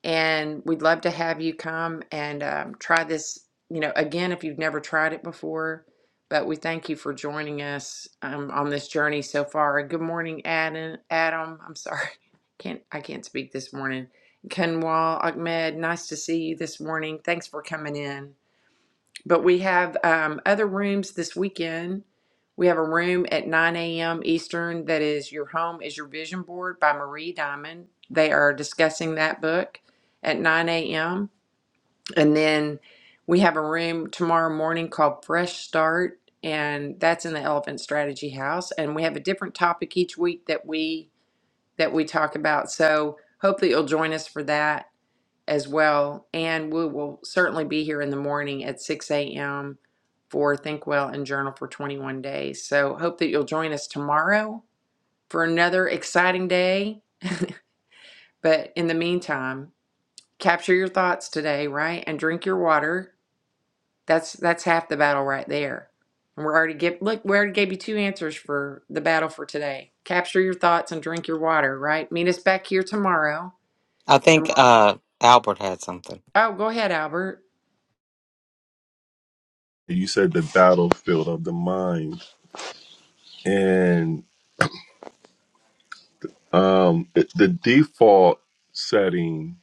Speaker 1: and we'd love to have you come and um, try this you know again if you've never tried it before but we thank you for joining us um, on this journey so far good morning adam adam i'm sorry [LAUGHS] can't i can't speak this morning kenwal ahmed nice to see you this morning thanks for coming in but we have um, other rooms this weekend. We have a room at 9 a.m. Eastern that is Your Home is Your Vision Board by Marie Diamond. They are discussing that book at 9 a.m. And then we have a room tomorrow morning called Fresh Start, and that's in the Elephant Strategy House. And we have a different topic each week that we that we talk about. So hopefully you'll join us for that as well. And we will certainly be here in the morning at 6 a.m. for Think Well and Journal for 21 Days. So hope that you'll join us tomorrow for another exciting day. But in the meantime, capture your thoughts today, right? And drink your water. That's that's half the battle right there. And we're already give look, we already gave you two answers for the battle for today. Capture your thoughts and drink your water, right? Meet us back here tomorrow.
Speaker 3: I
Speaker 1: And
Speaker 3: think
Speaker 1: we're,
Speaker 3: uh, Albert had something.
Speaker 1: oh, go ahead, Albert.
Speaker 2: You said the battlefield of the mind, and um, it, the default setting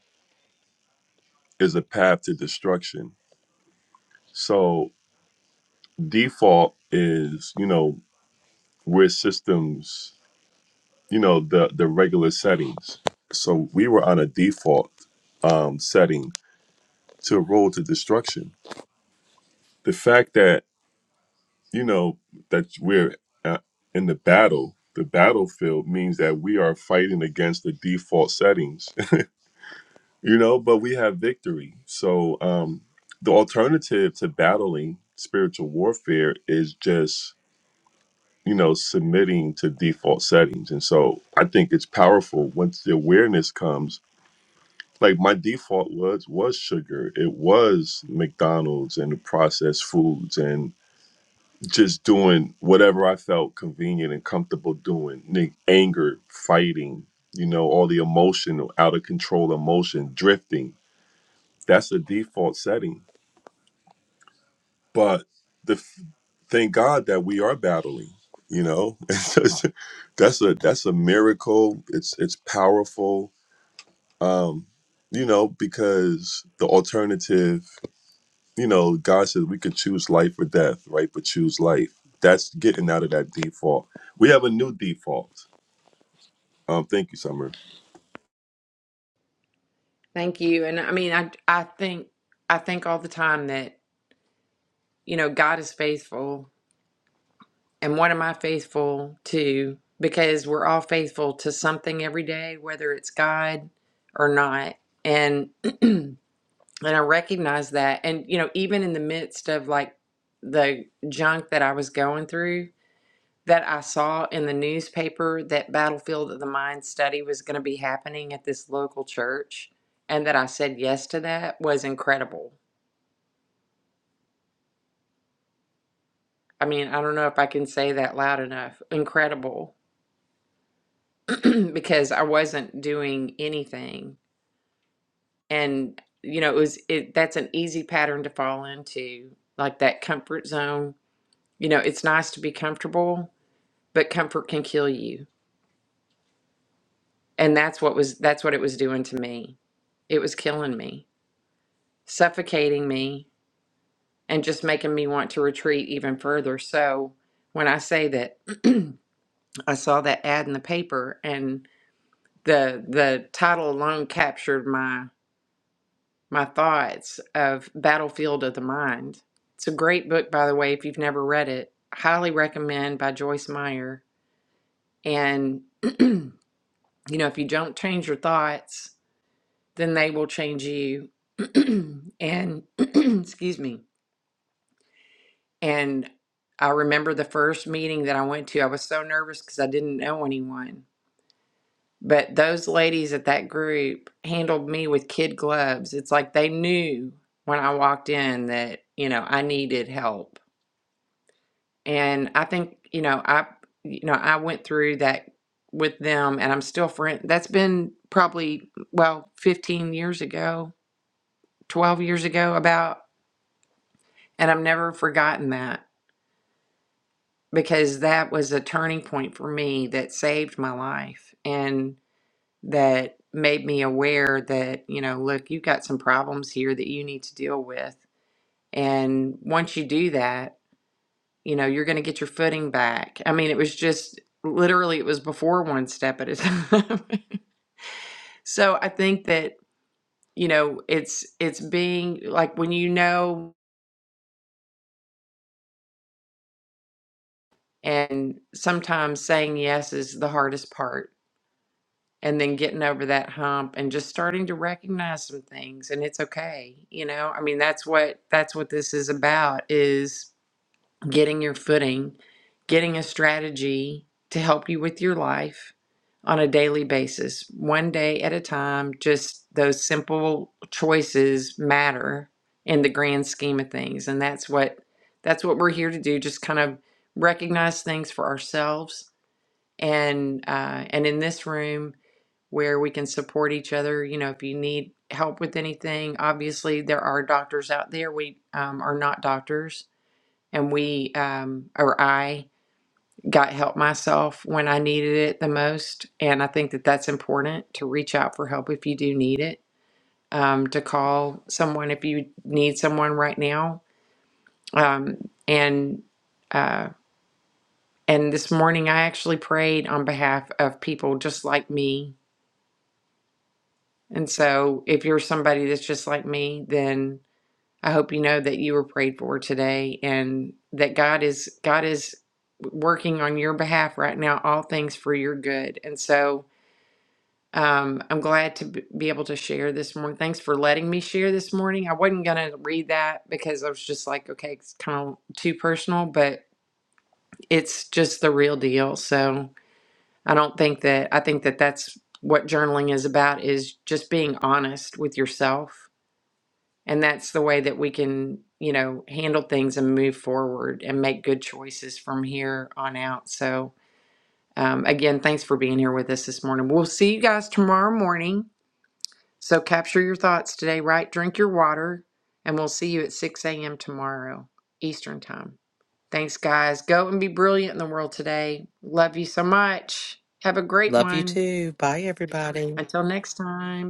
Speaker 2: is a path to destruction. So default is, you know, where systems, you know, the the regular settings. So we were on a default um, setting to a road to destruction. The fact that you know that we're uh, in the battle, the battlefield means that we are fighting against the default settings, [LAUGHS] you know. But we have victory. So um, the alternative to battling spiritual warfare is just you know submitting to default settings. And so I think it's powerful once the awareness comes. Like my default was was sugar. It was McDonald's and the processed foods and just doing whatever I felt convenient and comfortable doing. Nick, anger, fighting, you know, all the emotional, out of control emotion, drifting. That's a default setting. But the f- thank God that we are battling. You know, [LAUGHS] It's just- that's a that's a miracle. It's it's powerful. Um, you know, because the alternative. you know, God says we could choose life or death, right? But choose life. That's getting out of that default. We have a new default. Um, thank you, Summer.
Speaker 1: Thank you. And I mean, I I think I think all the time that, you know, God is faithful. And what am I faithful to? Because we're all faithful to something every day, whether it's God or not. And [CLEARS THROAT] and I recognize that. And you know, even in the midst of like the junk that I was going through, that I saw in the newspaper that Battlefield of the Mind study was going to be happening at this local church and that I said yes to that was incredible I mean, I don't know if I can say that loud enough. Incredible [CLEARS THROAT] because I wasn't doing anything. And you know, it was it that's an easy pattern to fall into, like that comfort zone. You know, it's nice to be comfortable, but comfort can kill you. And that's what was that's what it was doing to me. It was killing me, suffocating me, and just making me want to retreat even further. So when I say that [CLEARS THROAT] I saw that ad in the paper and. the the title alone captured my my thoughts of Battlefield of the Mind. It's a great book, by the way, if you've never read it. Highly recommend by Joyce Meyer. And [CLEARS THROAT] you know, if you don't change your thoughts, then they will change you. [CLEARS THROAT] and [CLEARS THROAT] excuse me. And I remember the first meeting that I went to. I was so nervous because I didn't know anyone But those ladies at that group handled me with kid gloves. It's like they knew when I walked in that, you know, I needed help. And I think, you know, I you know, I went through that with them and I'm still friend that's been probably well, 15 years ago, 12 years ago about and I've never forgotten that because that was a turning point for me that saved my life. and. that made me aware that, you know, look, you've got some problems here that you need to deal with. And once you do that, you know, you're going to get your footing back. I mean, it was just literally it was before one step at a time. [LAUGHS] so I think that, you know, it's it's being like when you know and sometimes saying yes is the hardest part and then getting over that hump and just starting to recognize some things and it's okay you know i mean that's what that's what this is about is getting your footing getting a strategy to help you with your life on a daily basis one day at a time just those simple choices matter in the grand scheme of things and that's what that's what we're here to do just kind of recognize things for ourselves and uh, and in this room where we can support each other. You know, if you need help with anything, obviously there are doctors out there. We um, are not doctors, and we um, or I got help myself when I needed it the most. And I think that that's important to reach out for help if you do need it. Um, to call someone if you need someone right now. Um, and uh, and this morning I actually prayed on behalf of people just like me And so, if you're somebody that's just like me, then I hope you know that you were prayed for today and that God is God is working on your behalf right now, all things for your good. And so, um, I'm glad to b- be able to share this morning. Thanks for letting me share this morning. I wasn't gonna read that because I was just like, okay, it's kind of too personal, but it's just the real deal. So I don't think that I think that that's what journaling is about is just being honest with yourself And that's the way that we can, you know, handle things and move forward and make good choices from here on out. So, um, again, thanks for being here with us this morning. We'll see you guys tomorrow morning. So, capture your thoughts today, right? Drink your water, and we'll see you at 6 a.m. tomorrow, Eastern Time. Thanks, guys. Go and be brilliant in the world today. Love you so much. Have a great
Speaker 3: Love you
Speaker 1: one.
Speaker 3: too. Bye, everybody.
Speaker 1: Until next time.